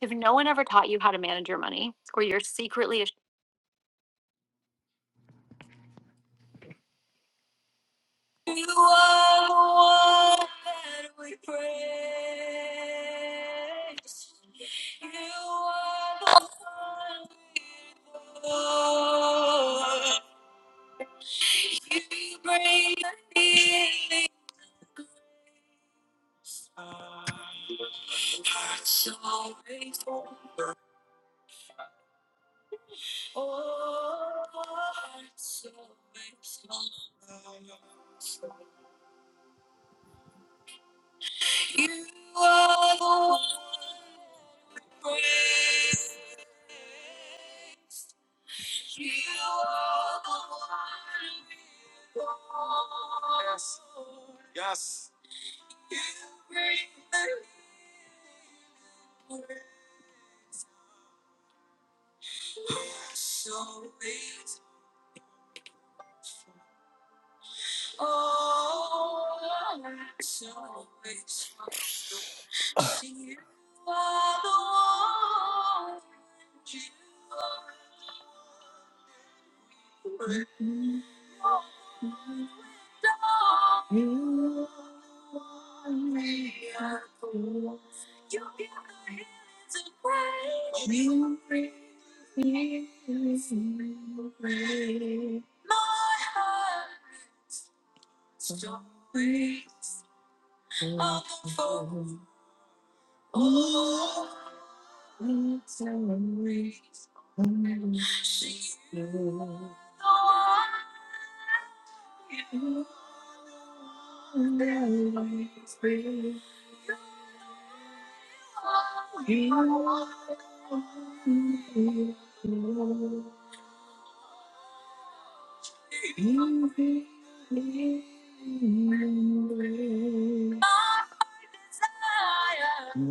If no one ever taught you how to manage your money, or you're secretly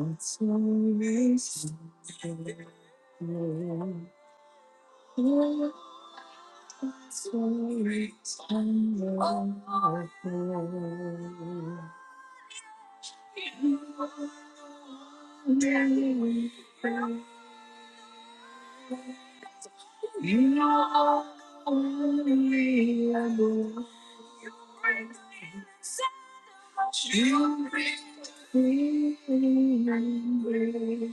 ashamed, You know only I know to be remembered.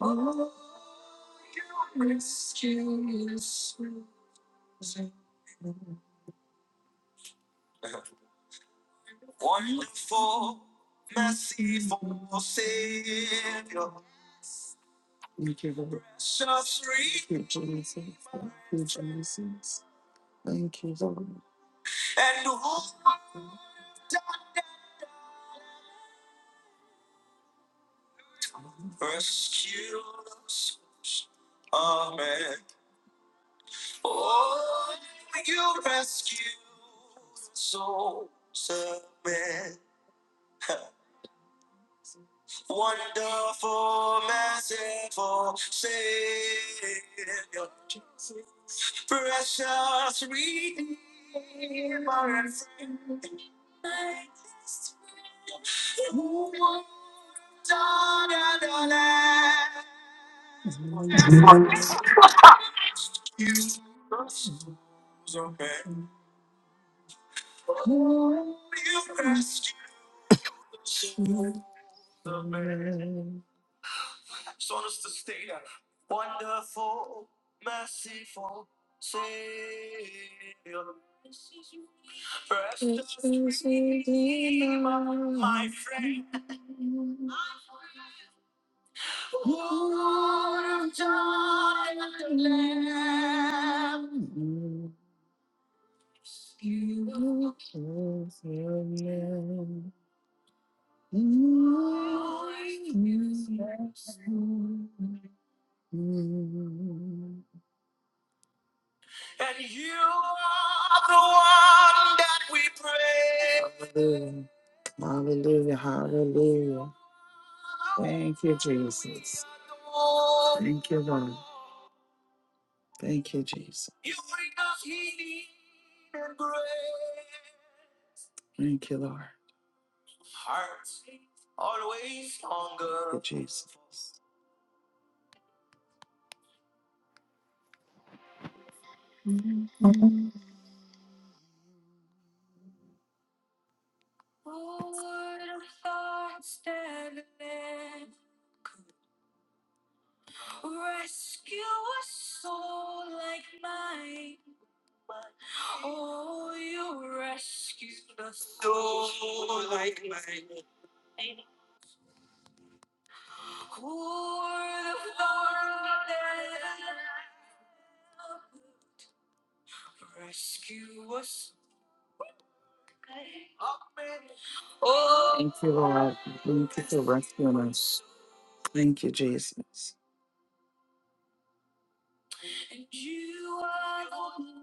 Oh, your rescue is so Thank you, Lord. So free. Thank you, Jesus. Thank you, Jesus. Thank you, Lord. Who won't die in the land? Who won't Precious Redeemer, my friend. And you are the one that we pray. Hallelujah. Hallelujah. Hallelujah. Thank you, Jesus. Thank you, Lord. Thank you, Jesus. Thank you, Lord. Always hunger. Jesus. Oh. Thank you, Lord. Thank you for rescuing us. Thank you, Jesus. And you are the one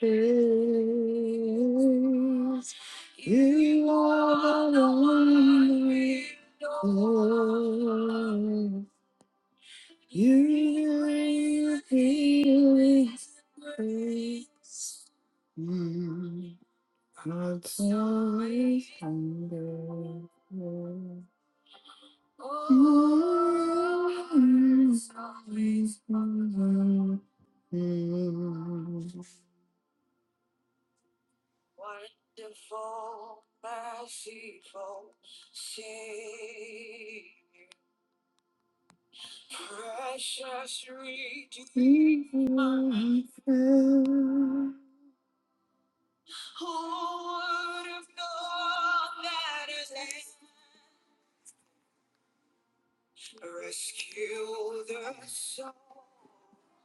that is. You are the one we adore. You are the healing. God's always under.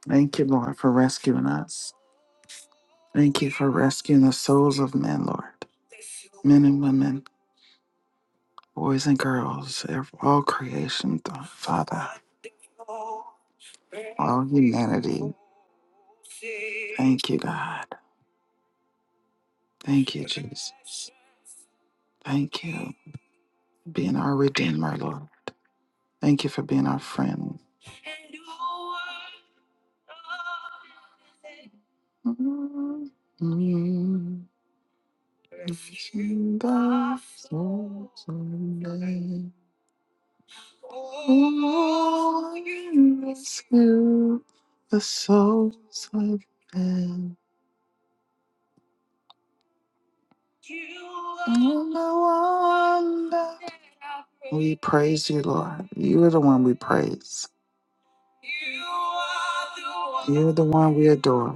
Thank you, Lord, for rescuing us. Thank you for rescuing the souls of men, Lord. Men and women, boys and girls, ev- all creation, Th- Father, all humanity. Thank you, God. Thank you, Jesus. Thank you for being our Redeemer, Lord. Thank you for being our friend. Mm. In the frozen day, Oh, you rescue the souls of men. Oh, no wonder. We praise you, Lord. You are the one we praise. You're the one we adore.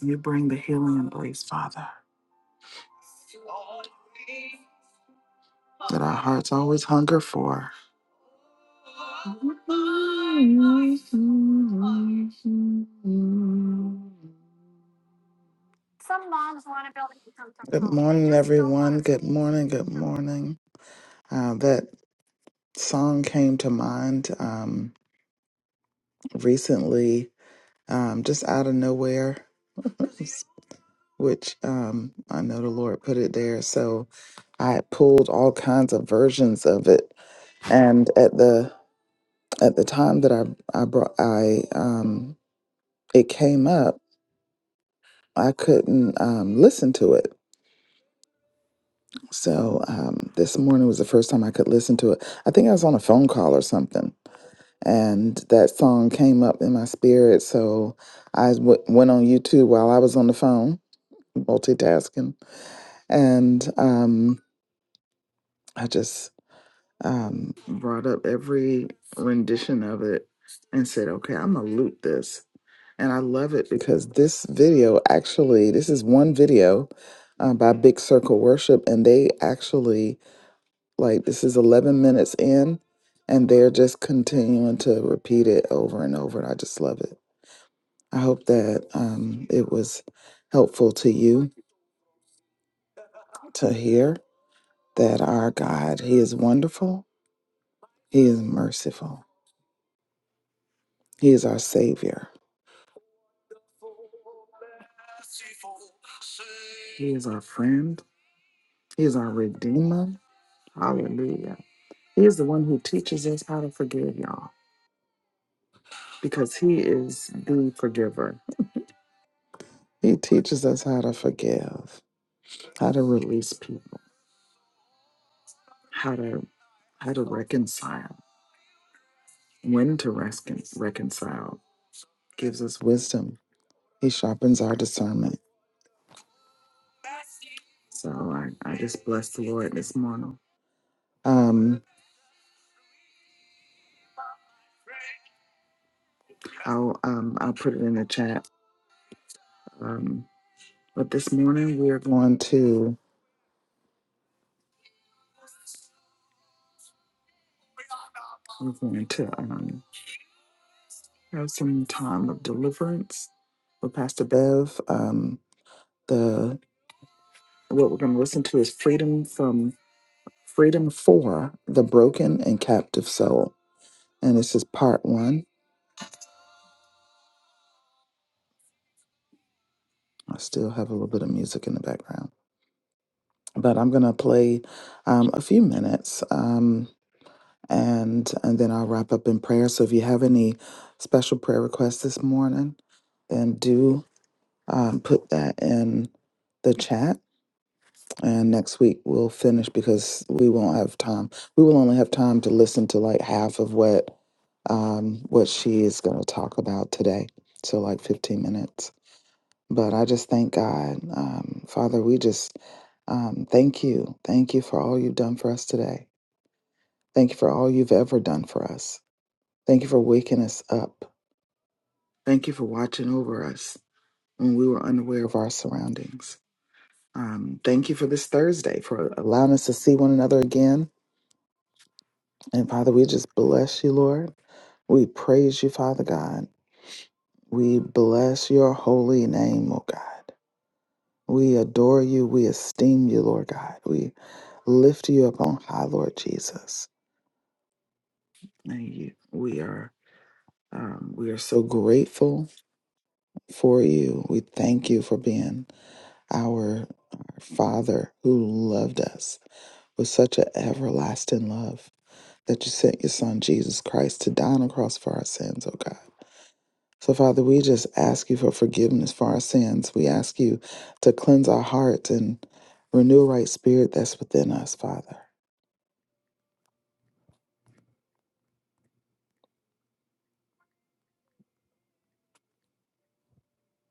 You bring the healing embrace, Father, that our hearts always hunger for. Good morning, everyone. Good morning. Good morning. Uh, that song came to mind um, recently, um, just out of nowhere, which um, I know the Lord put it there. So I pulled all kinds of versions of it and at the at the time that I I brought I um it came up, I couldn't um listen to it. So um this morning was the first time I could listen to it. I think I was on a phone call or something, and that song came up in my spirit. So I w- went on YouTube while I was on the phone, multitasking, and um I just um, brought up every rendition of it and said, okay, I'm going to loop this. And I love it because this video actually, this is one video uh, by Big Circle Worship, and they actually, like, this is 11 minutes in, and they're just continuing to repeat it over and over. And I just love it. I hope that um, it was helpful to you to hear that our God, He is wonderful, He is merciful, He is our Savior. He is our friend. He is our redeemer. Hallelujah. He is the one who teaches us how to forgive, y'all, because he is the forgiver. He teaches us how to forgive, how to release people, how to how to reconcile, when to recon- reconcile. Gives us wisdom. He sharpens our discernment. So I, I just bless the Lord this morning. Um, I'll um, I'll put it in the chat. Um. But this morning we are going to we're going to um, have some time of deliverance with Pastor Bev. Um, the what we're going to listen to is freedom from freedom for the broken and captive soul, and this is part one. I still have a little bit of music in the background, but I'm going to play um, a few minutes, um, and and then I'll wrap up in prayer. So if you have any special prayer requests this morning, then do. um, put that in the chat. And next week we'll finish because we won't have time. We will only have time to listen to like half of what um, what she is going to talk about today. So like 15 minutes. But I just thank God, um, Father. We just um, thank you, thank you for all you've done for us today. Thank you for all you've ever done for us. Thank you for waking us up. Thank you for watching over us when we were unaware of our surroundings. Um, thank you for this Thursday, for allowing us to see one another again. And Father, we just bless you, Lord. We praise you, Father God. We bless your holy name, O God. We adore you. We esteem you, Lord God. We lift you up on high, Lord Jesus. And you, we are um, we are so grateful for you. We thank you for being our, our Father who loved us with such an everlasting love. that you sent your son Jesus Christ to die on the cross for our sins, oh God. So, Father, we just ask you for forgiveness for our sins. We ask you to cleanse our hearts and renew a right spirit that's within us, Father.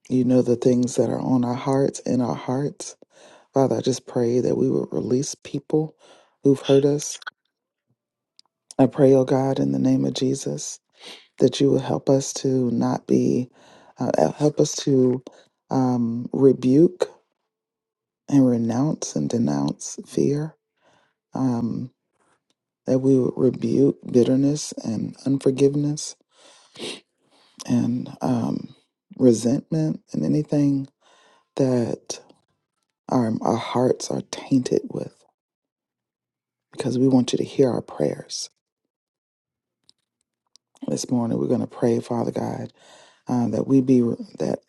You know the things that are on our hearts, in our hearts. Father, I just pray that we would release people who've hurt us. I pray, oh God, in the name of Jesus, that you will help us to not be, uh, help us to um, rebuke and renounce and denounce fear, um, that we would rebuke bitterness and unforgiveness and um, resentment and anything that our, our hearts are tainted with, because we want you to hear our prayers. This morning, we're going to pray, Father God, uh, that we be that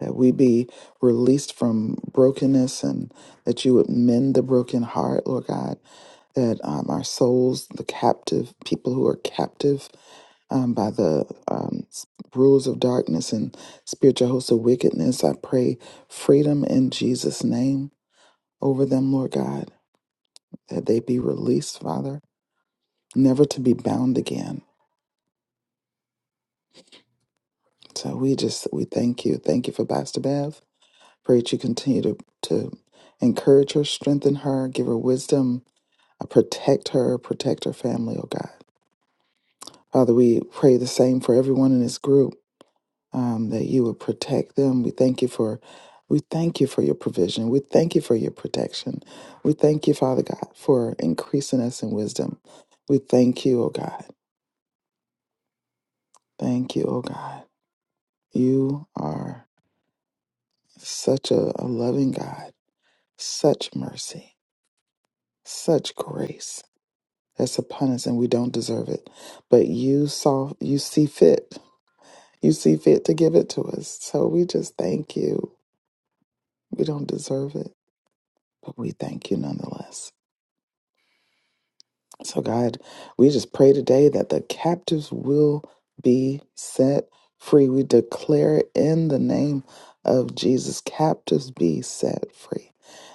that we be released from brokenness, and that you would mend the broken heart, Lord God. That um, our souls, the captive people who are captive um, by the um, s- rules of darkness and spiritual hosts of wickedness. I pray freedom in Jesus' name over them, Lord God, that they be released, Father, never to be bound again. So we just we thank you, thank you for Pastor Bev. Pray that you continue to to encourage her, strengthen her, give her wisdom, uh, protect her, protect her family, oh God. Father, we pray the same for everyone in this group. um, that you would protect them. We thank you for we thank you for your provision. We thank you for your protection. We thank you, Father God, for increasing us in wisdom. We thank you, oh God. Thank you, oh God. You are such a, a loving God, such mercy, such grace that's upon us and we don't deserve it. But you saw you see fit. You see fit to give it to us. So we just thank you. We don't deserve it, but we thank you nonetheless. So, God, we just pray today that the captives will be set free. We declare it in the name of Jesus captives be set free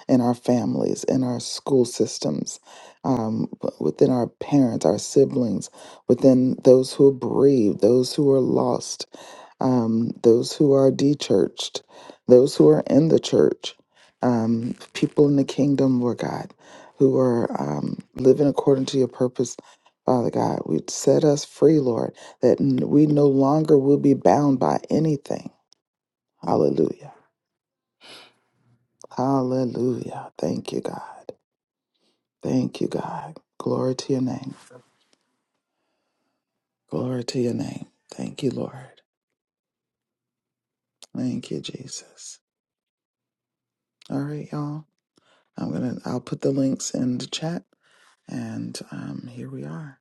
in our families, in our school systems, um, within our parents, our siblings, within those who are bereaved, those who are lost, um, those who are dechurched, those who are in the church, um, people in the kingdom, Lord God who are um, living according to your purpose, Father God. We set us free, Lord, that n- we no longer will be bound by anything. Hallelujah. Hallelujah. Thank you, God. Thank you, God. Glory to your name. Glory to your name. Thank you, Lord. Thank you, Jesus. All right, y'all. I'm gonna. I'll put the links in the chat, and um, here we are.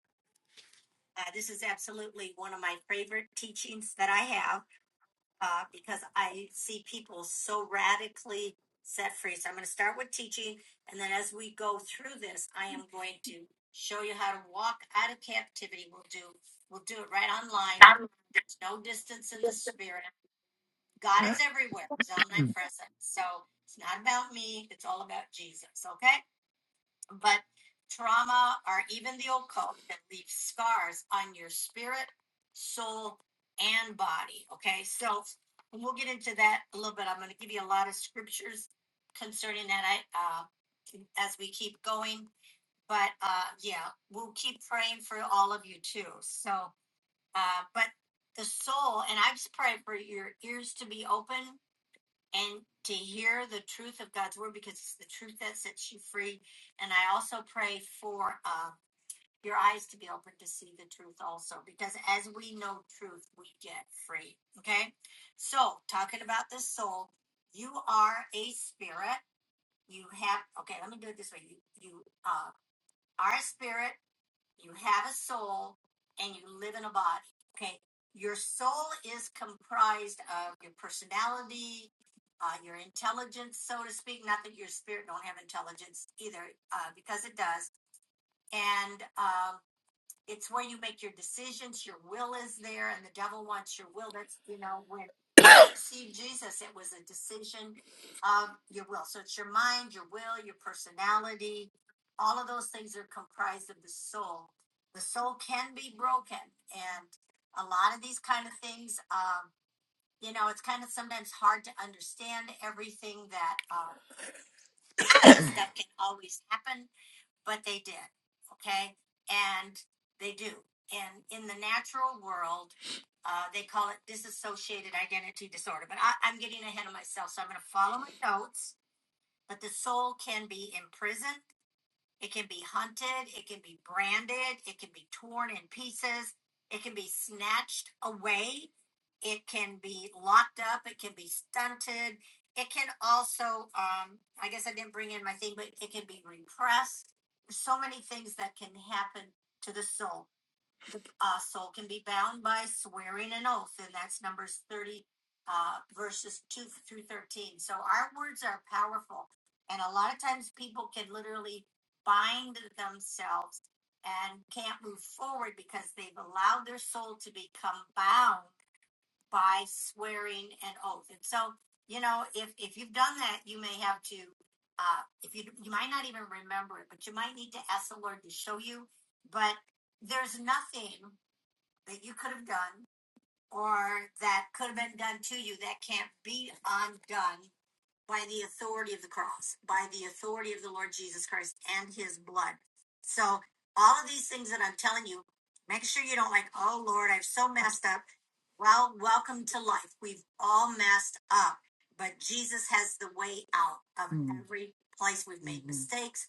But Jesus has the way out of Mm. every place we've made Mhm. mistakes.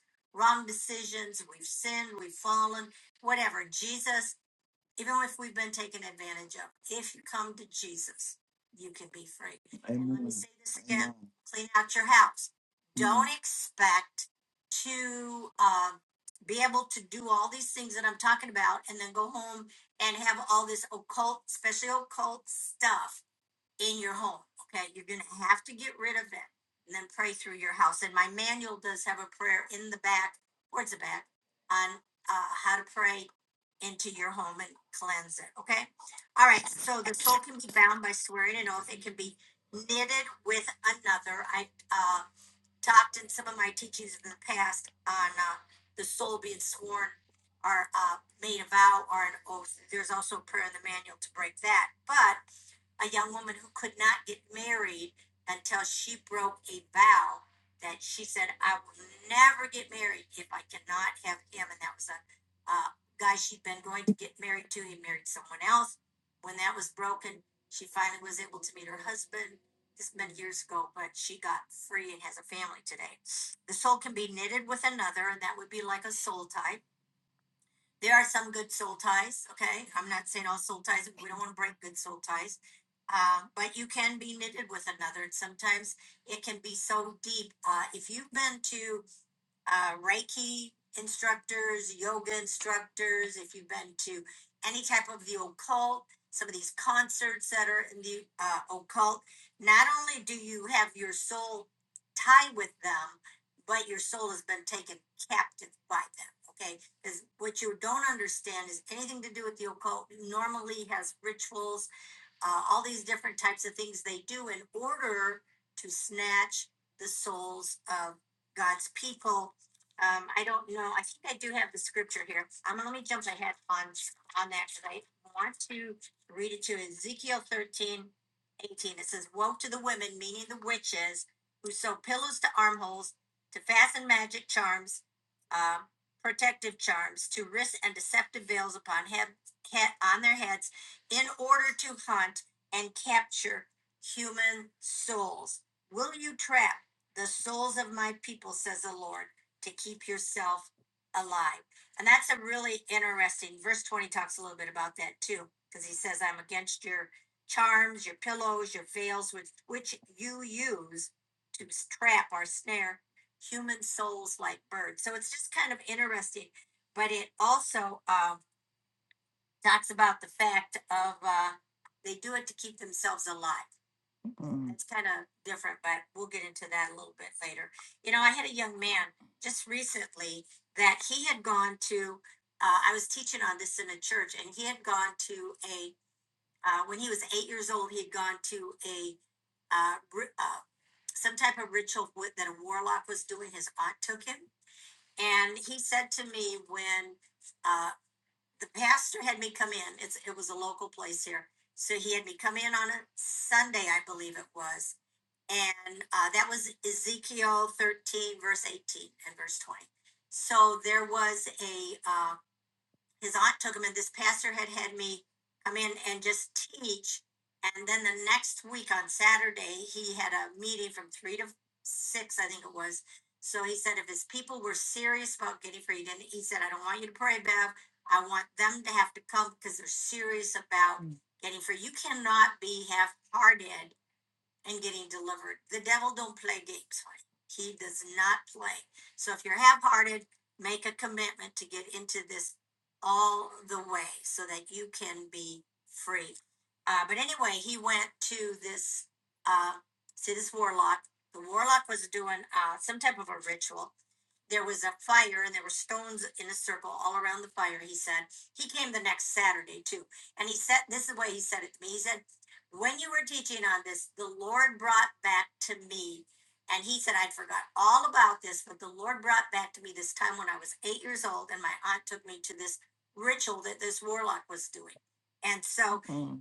mm-hmm.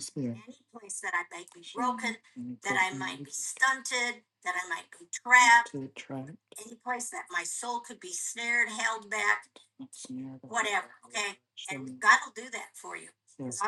Spirit. mm-hmm. trapped. Yes,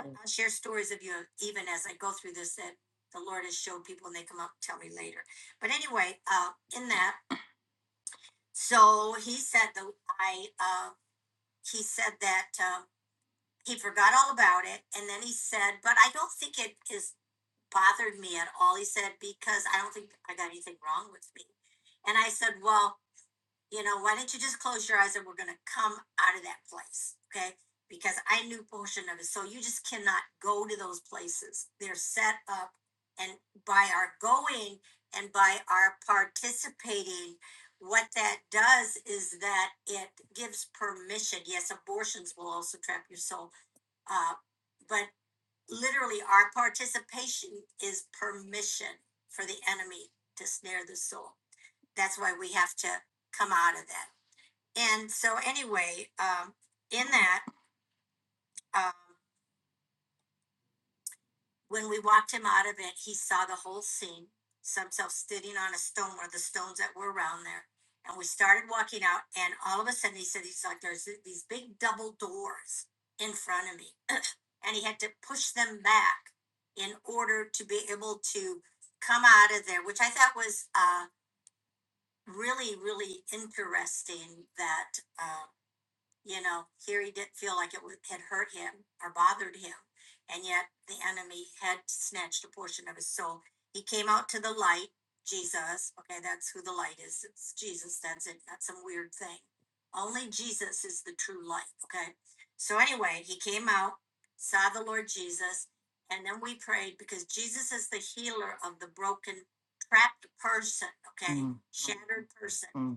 Mm.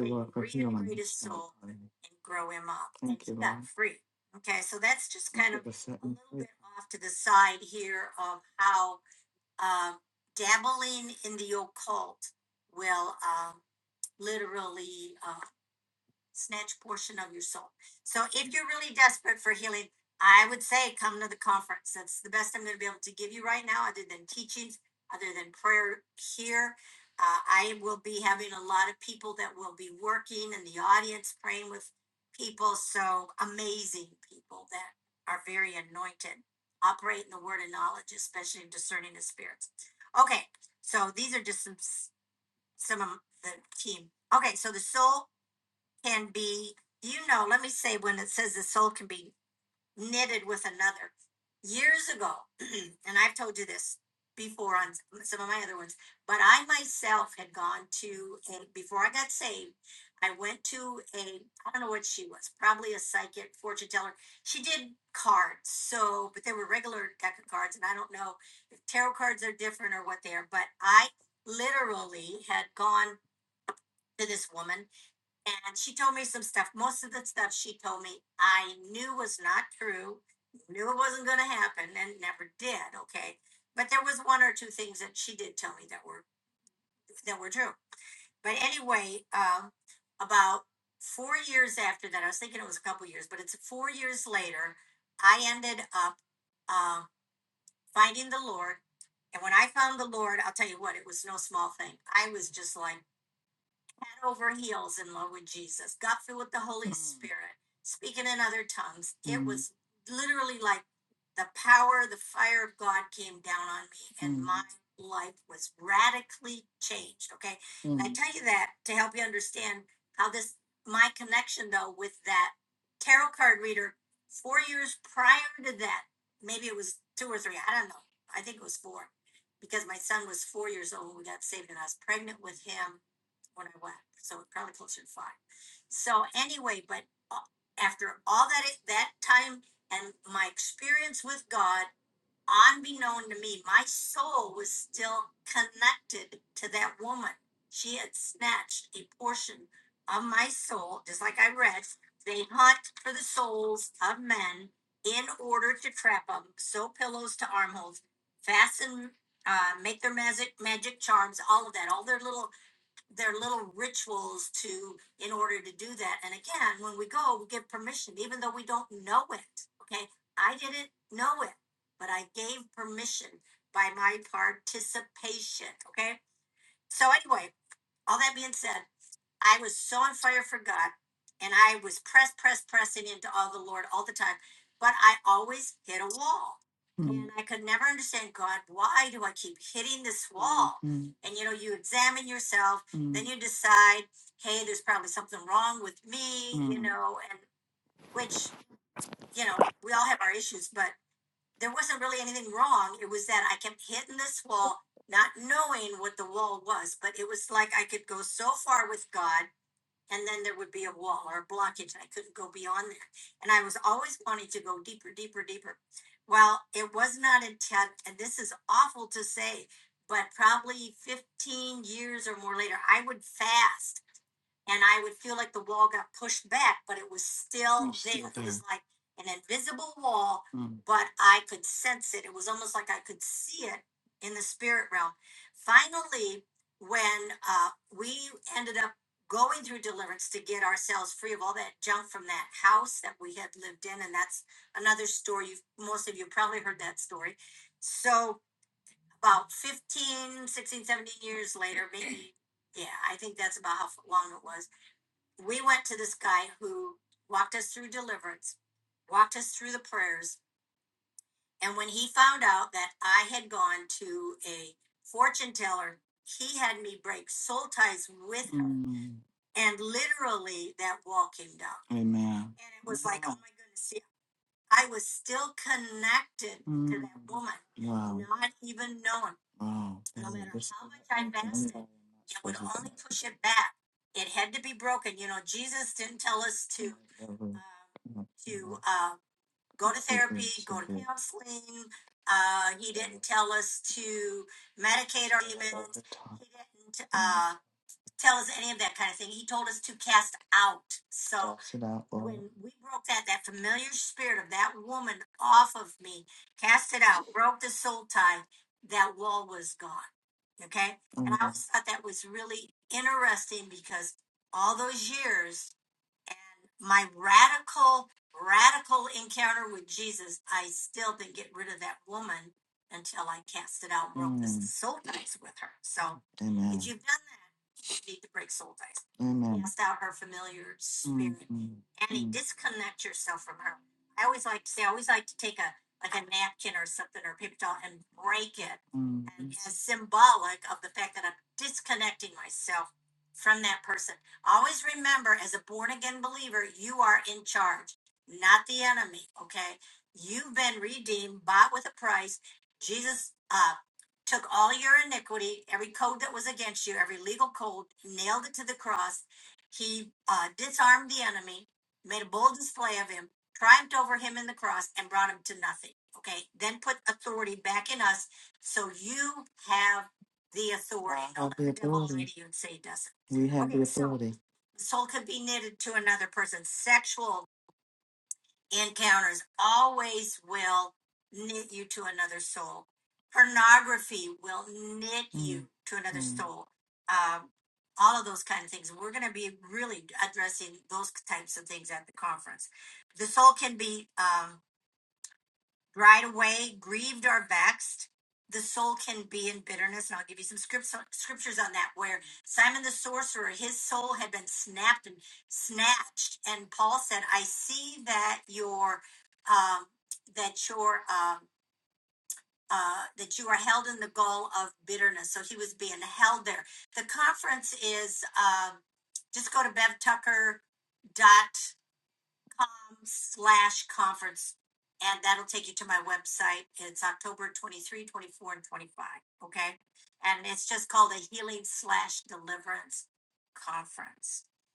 you, Lord, us, Lord. Thank and Thank you, you a Mm. I Mm. Mm. Mm. Mm-hmm. mm. Mm-hmm. Amen. Mm. Wow. Wow. No Anyway, it um, Cast it out, if Amen. Amen. mm, mm. I the authority. We have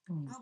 Mm.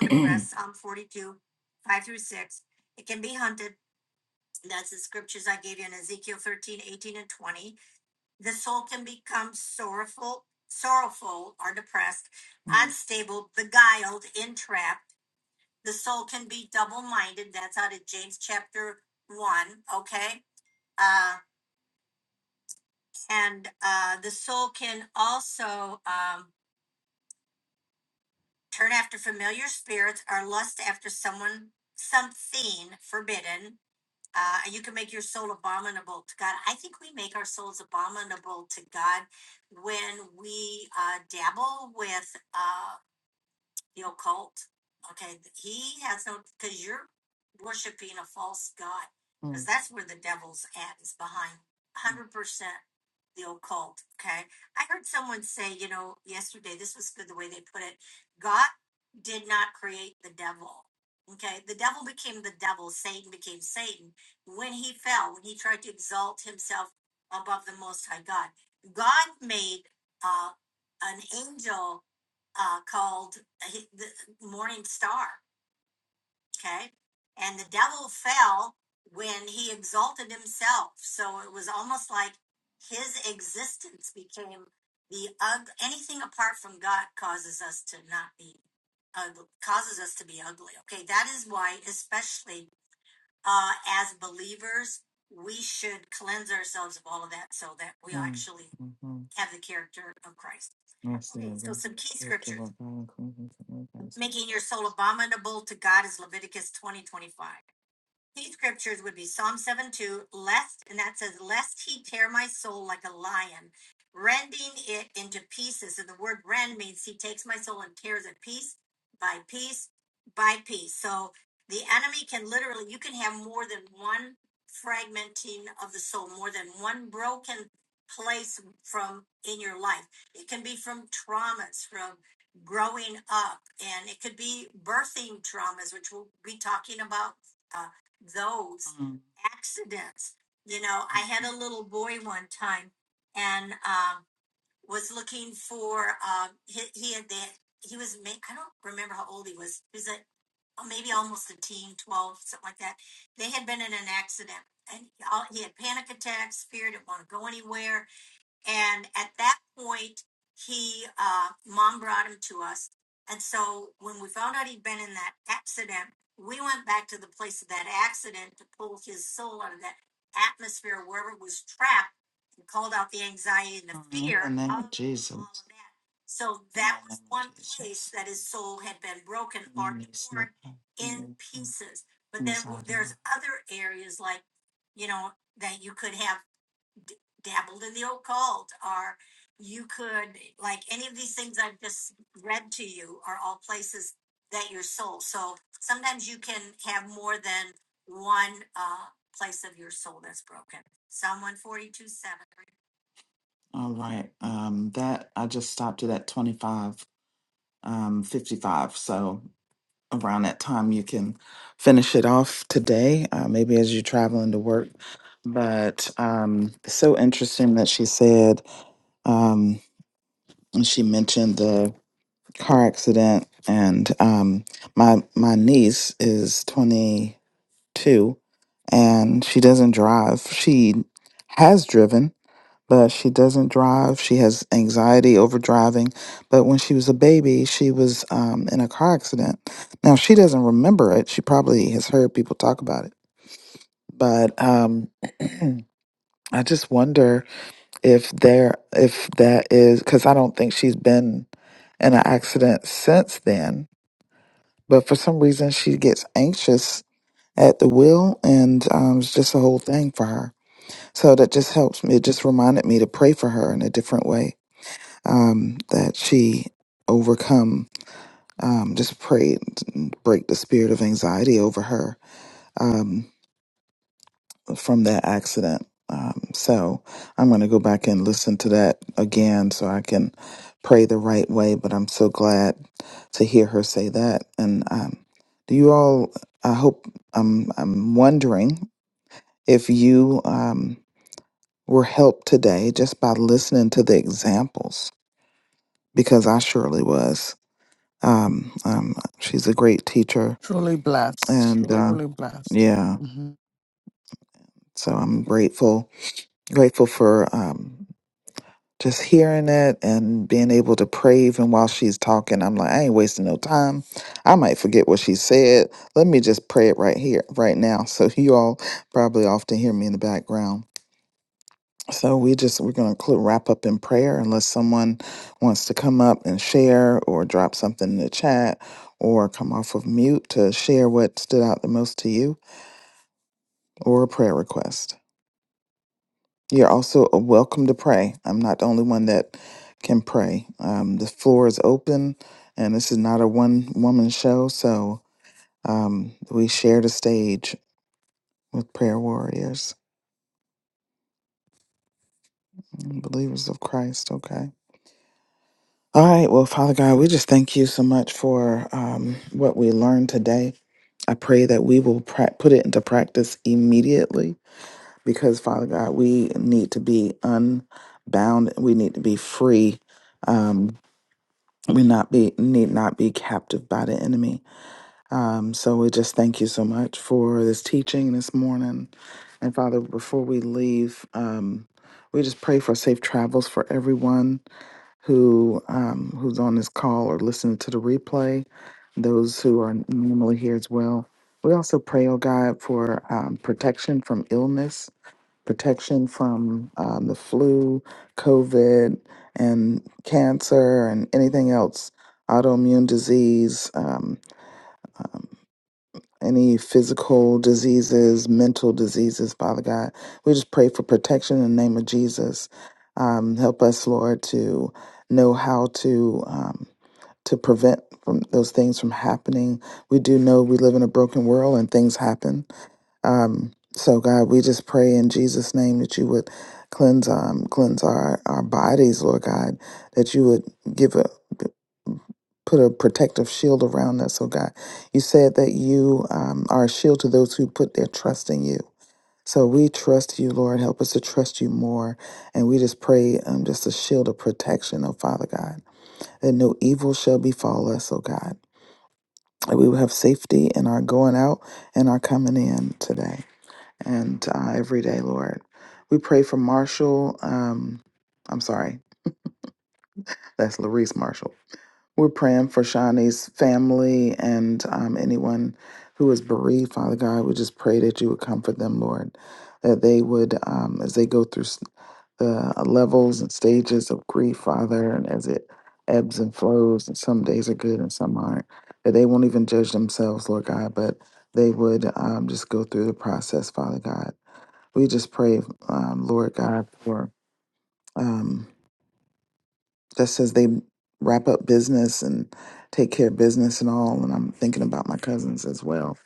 one Mhm. Okay, who All right, um, that, I just stopped it at twenty-five, um, fifty-five, so around that time you can finish it off today uh, maybe as you're traveling to work but um it's so interesting that she said um and she mentioned the car accident and um my my niece is 22 and she doesn't drive she has driven but she doesn't drive. She has anxiety over driving. But when she was a baby, she was um, in a car accident. Now, she doesn't remember it. She probably has heard people talk about it. But um, I just wonder if there, if that is, because I don't think she's been in an accident since then. But for some reason, she gets anxious at the wheel, and um, it's just a whole thing for her. So that just helps me. It just reminded me to pray for her in a different way um, that she overcome. Um, just pray break the spirit of anxiety over her um, from that accident. Um, so I'm going to go back and listen to that again so I can pray the right way. But I'm so glad to hear her say that. And um, do you all? I hope Um, I'm wondering if you um, were helped today just by listening to the examples because I surely was. Um, um, she's a great teacher, Truly blessed. and uh, Truly blessed. yeah, hmm so I'm grateful, grateful for um, just hearing it and being able to pray even while she's talking. I'm like, I ain't wasting no time. I might forget what she said. Let me just pray it right here, right now. So you all probably often hear me in the background So we just we're going to wrap up in prayer unless someone wants to come up and share or drop something in the chat or come off of mute to share what stood out the most to you or a prayer request. You're also uh, welcome to pray. I'm not the only one that can pray. Um, the floor is open, and this is not a one woman show. So um, we share the stage with prayer warriors, and believers of Christ. Okay. All right. Well, Father God, we just thank you so much for um, what we learned today. I pray that we will pra- put it into practice immediately because, Father God, we need to be unbound. We need to be free. Um, we not be need not be captive by the enemy. Um, so we just thank you so much for this teaching this morning. And Father, before we leave, um, we just pray for safe travels for everyone who um, who's on this call or listening to the replay, those who are normally here as well. We also pray, oh God, for um, protection from illness, protection from um, the flu, COVID, and cancer, and anything else, autoimmune disease. Um, um, any physical diseases, mental diseases, Father God. We just pray for protection in the name of Jesus. Um, help us, Lord, to know how to um, to prevent from those things from happening. We do know we live in a broken world and things happen, um, so God, we just pray in Jesus' name that you would cleanse um cleanse our, our bodies, Lord God, that you would give a put a protective shield around us, oh God. You said that you um, are a shield to those who put their trust in you. So we trust you, Lord. Help us to trust you more. And we just pray um, just a shield of protection, oh Father God, that no evil shall befall us, oh God. That we will have safety in our going out and our coming in today and uh, every day, Lord. We pray for Marshall. Um, I'm sorry, that's Larice Marshall. We're praying for Shawnee's family and um, anyone who is bereaved, Father God. We just pray that you would comfort them, Lord, that they would, um, as they go through s- the levels and stages of grief, Father, and as it ebbs and flows, and some days are good and some aren't, that they won't even judge themselves, Lord God, but they would um, just go through the process, Father God we just pray, um, Lord God, for um, just as they wrap up business and take care of business and all. And I'm thinking about my cousins as well.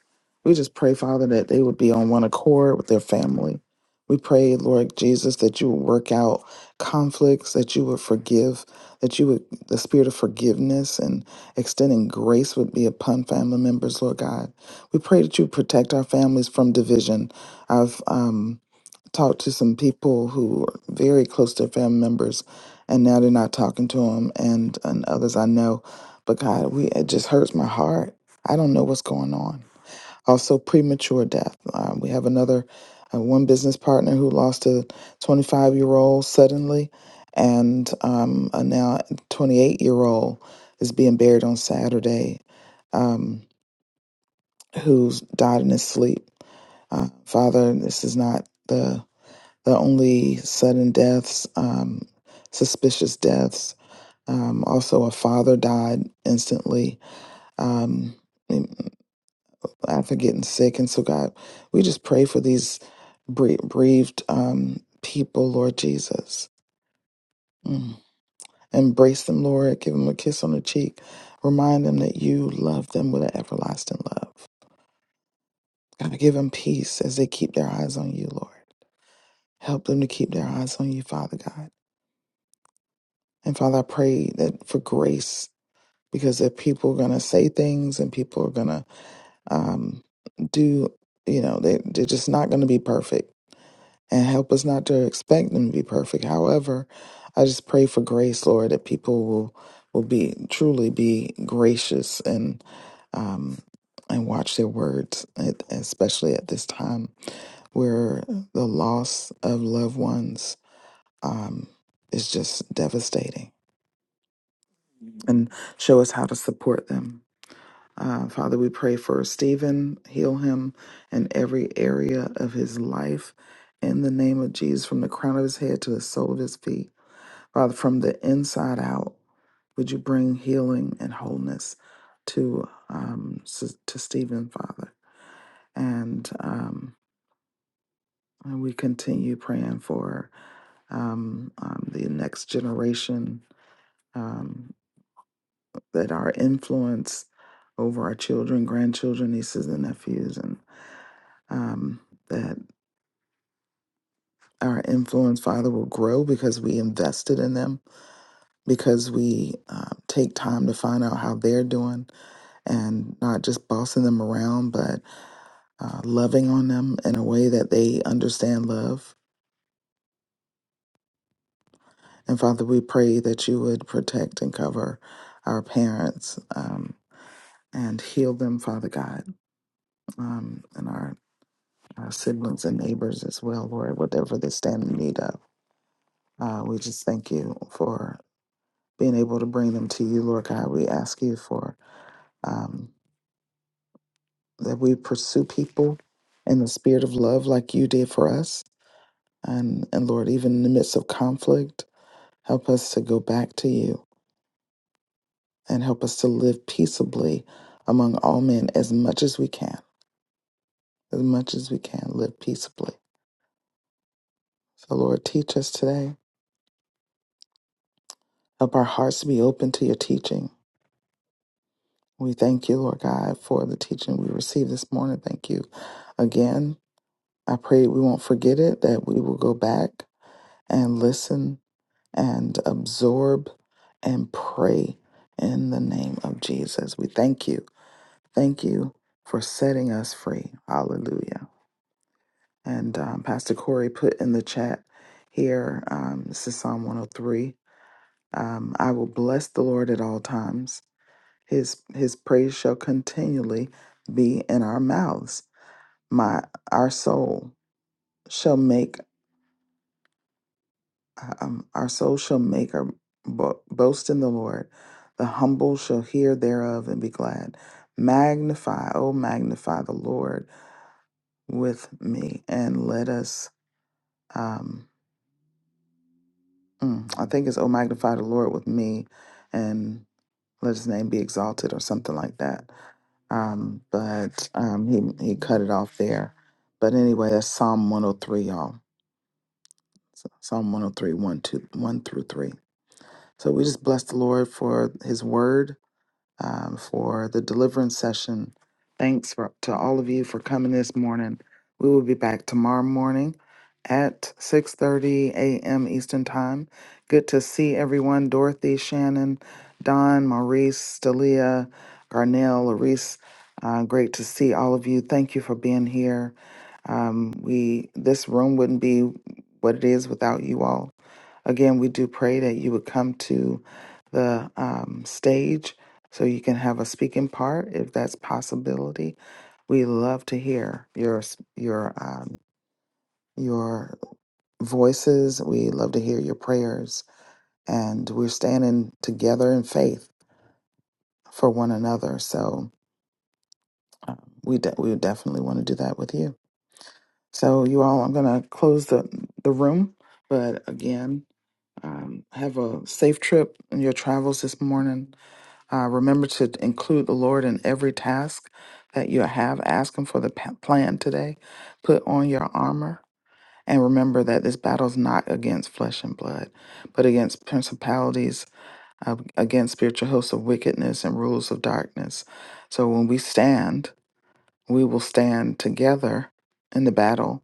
We just pray, Father, that they would be on one accord with their family. We pray, Lord Jesus, that you would work out conflicts, that you would forgive, that you would, the spirit of forgiveness and extending grace would be upon family members, Lord God. We pray that you protect our families from division. I've, um, talked to some people who are very close to family members, and now they're not talking to them, and and others I know. But God, we it just hurts my heart. I don't know what's going on. Also, premature death. Um, we have another uh, one business partner who lost a 25 year old suddenly, and um, a now 28 year old is being buried on Saturday, um, who's died in his sleep. Uh, Father, this is not the the only sudden deaths, um, suspicious deaths. Um, also, a father died instantly um, after getting sick. And so, God, we just pray for these bere- bereaved um, people, Lord Jesus. Mm. Embrace them, Lord. Give them a kiss on the cheek. Remind them that you love them with an everlasting love. God, give them peace as they keep their eyes on you, Lord. Help them to keep their eyes on you, Father God. And Father, I pray that for grace because if people are going to say things and people are going to um, do, you know, they, they're just not going to be perfect. And help us not to expect them to be perfect. However, I just pray for grace, Lord, that people will will be truly be gracious and um, and watch their words, and- especially at this time where the loss of loved ones um, is just devastating. And show us how to support them. Uh, Father, we pray for Stephen, heal him in every area of his life in the name of Jesus, from the crown of his head to the sole of his feet. Father, from the inside out, would you bring healing and wholeness to um, s- to Stephen, Father? And um, and we continue praying for um, um, the next generation um, that our influence over our children, grandchildren, nieces, and nephews, and um, that our influence, Father, will grow because we invested in them, because we uh, take time to find out how they're doing and not just bossing them around, but uh, loving on them in a way that they understand love. And Father, we pray that you would protect and cover our parents um, and heal them, Father God, um, and our our siblings and neighbors as well, Lord, whatever they stand in need of. Uh, we just thank you for being able to bring them to you, Lord God. We ask you for um, that we pursue people in the spirit of love like you did for us. And, and Lord, even in the midst of conflict, help us to go back to you and help us to live peaceably among all men as much as we can. As much as we can, live peaceably. So, Lord, teach us today. Help our hearts to be open to your teaching We thank you, Lord God, for the teaching we received this morning. Thank you again. I pray we won't forget it, that we will go back and listen and absorb and pray in the name of Jesus. We thank you. Thank you for setting us free. Hallelujah. And um, Pastor Corey put in the chat here, um, this is Psalm 103. Um, I will bless the Lord at all times. His his praise shall continually be in our mouths. My our soul shall make um, our soul shall make our bo- boast in the Lord. The humble shall hear thereof and be glad. Magnify, oh magnify the Lord with me, and let us. Um, mm, I think it's oh magnify the Lord with me, and let his name be exalted or something like that. Um, but um, he he cut it off there. But anyway, that's Psalm 103, y'all. So Psalm 103, 1, 2, 1 through 3. So we just bless the Lord for his word um, for the deliverance session. Thanks for, to all of you for coming this morning. We will be back tomorrow morning at 6.30 a.m. Eastern Time. Good to see everyone. Dorothy, Shannon, Don, Maurice, Dalia, Garnell, Larice. Uh, great to see all of you. Thank you for being here. Um, we This room wouldn't be what it is without you all. Again, we do pray that you would come to the um, stage so you can have a speaking part if that's possibility. We love to hear your your um, your voices. We love to hear your prayers, and we're standing together in faith for one another. So uh, we de- we definitely want to do that with you. So you all, I'm going to close the the room, but again, um, have a safe trip in your travels this morning Uh, remember to include the Lord in every task that you have. Ask Him for the pa- plan today. Put on your armor. And remember that this battle is not against flesh and blood, but against principalities, uh, against spiritual hosts of wickedness and rules of darkness. So when we stand, we will stand together in the battle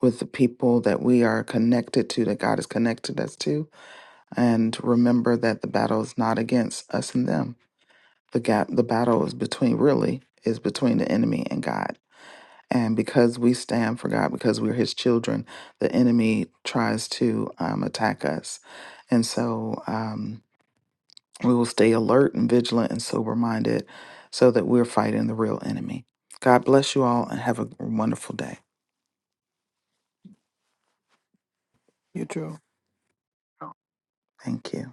with the people that we are connected to, that God has connected us to. And remember that the battle is not against us and them the gap, the battle is between really is between the enemy and God. And because we stand for God, because we're His children, the enemy tries to um, attack us. And so um, we will stay alert and vigilant and sober minded, so that we're fighting the real enemy. God bless you all and have a wonderful day. You too. Thank you.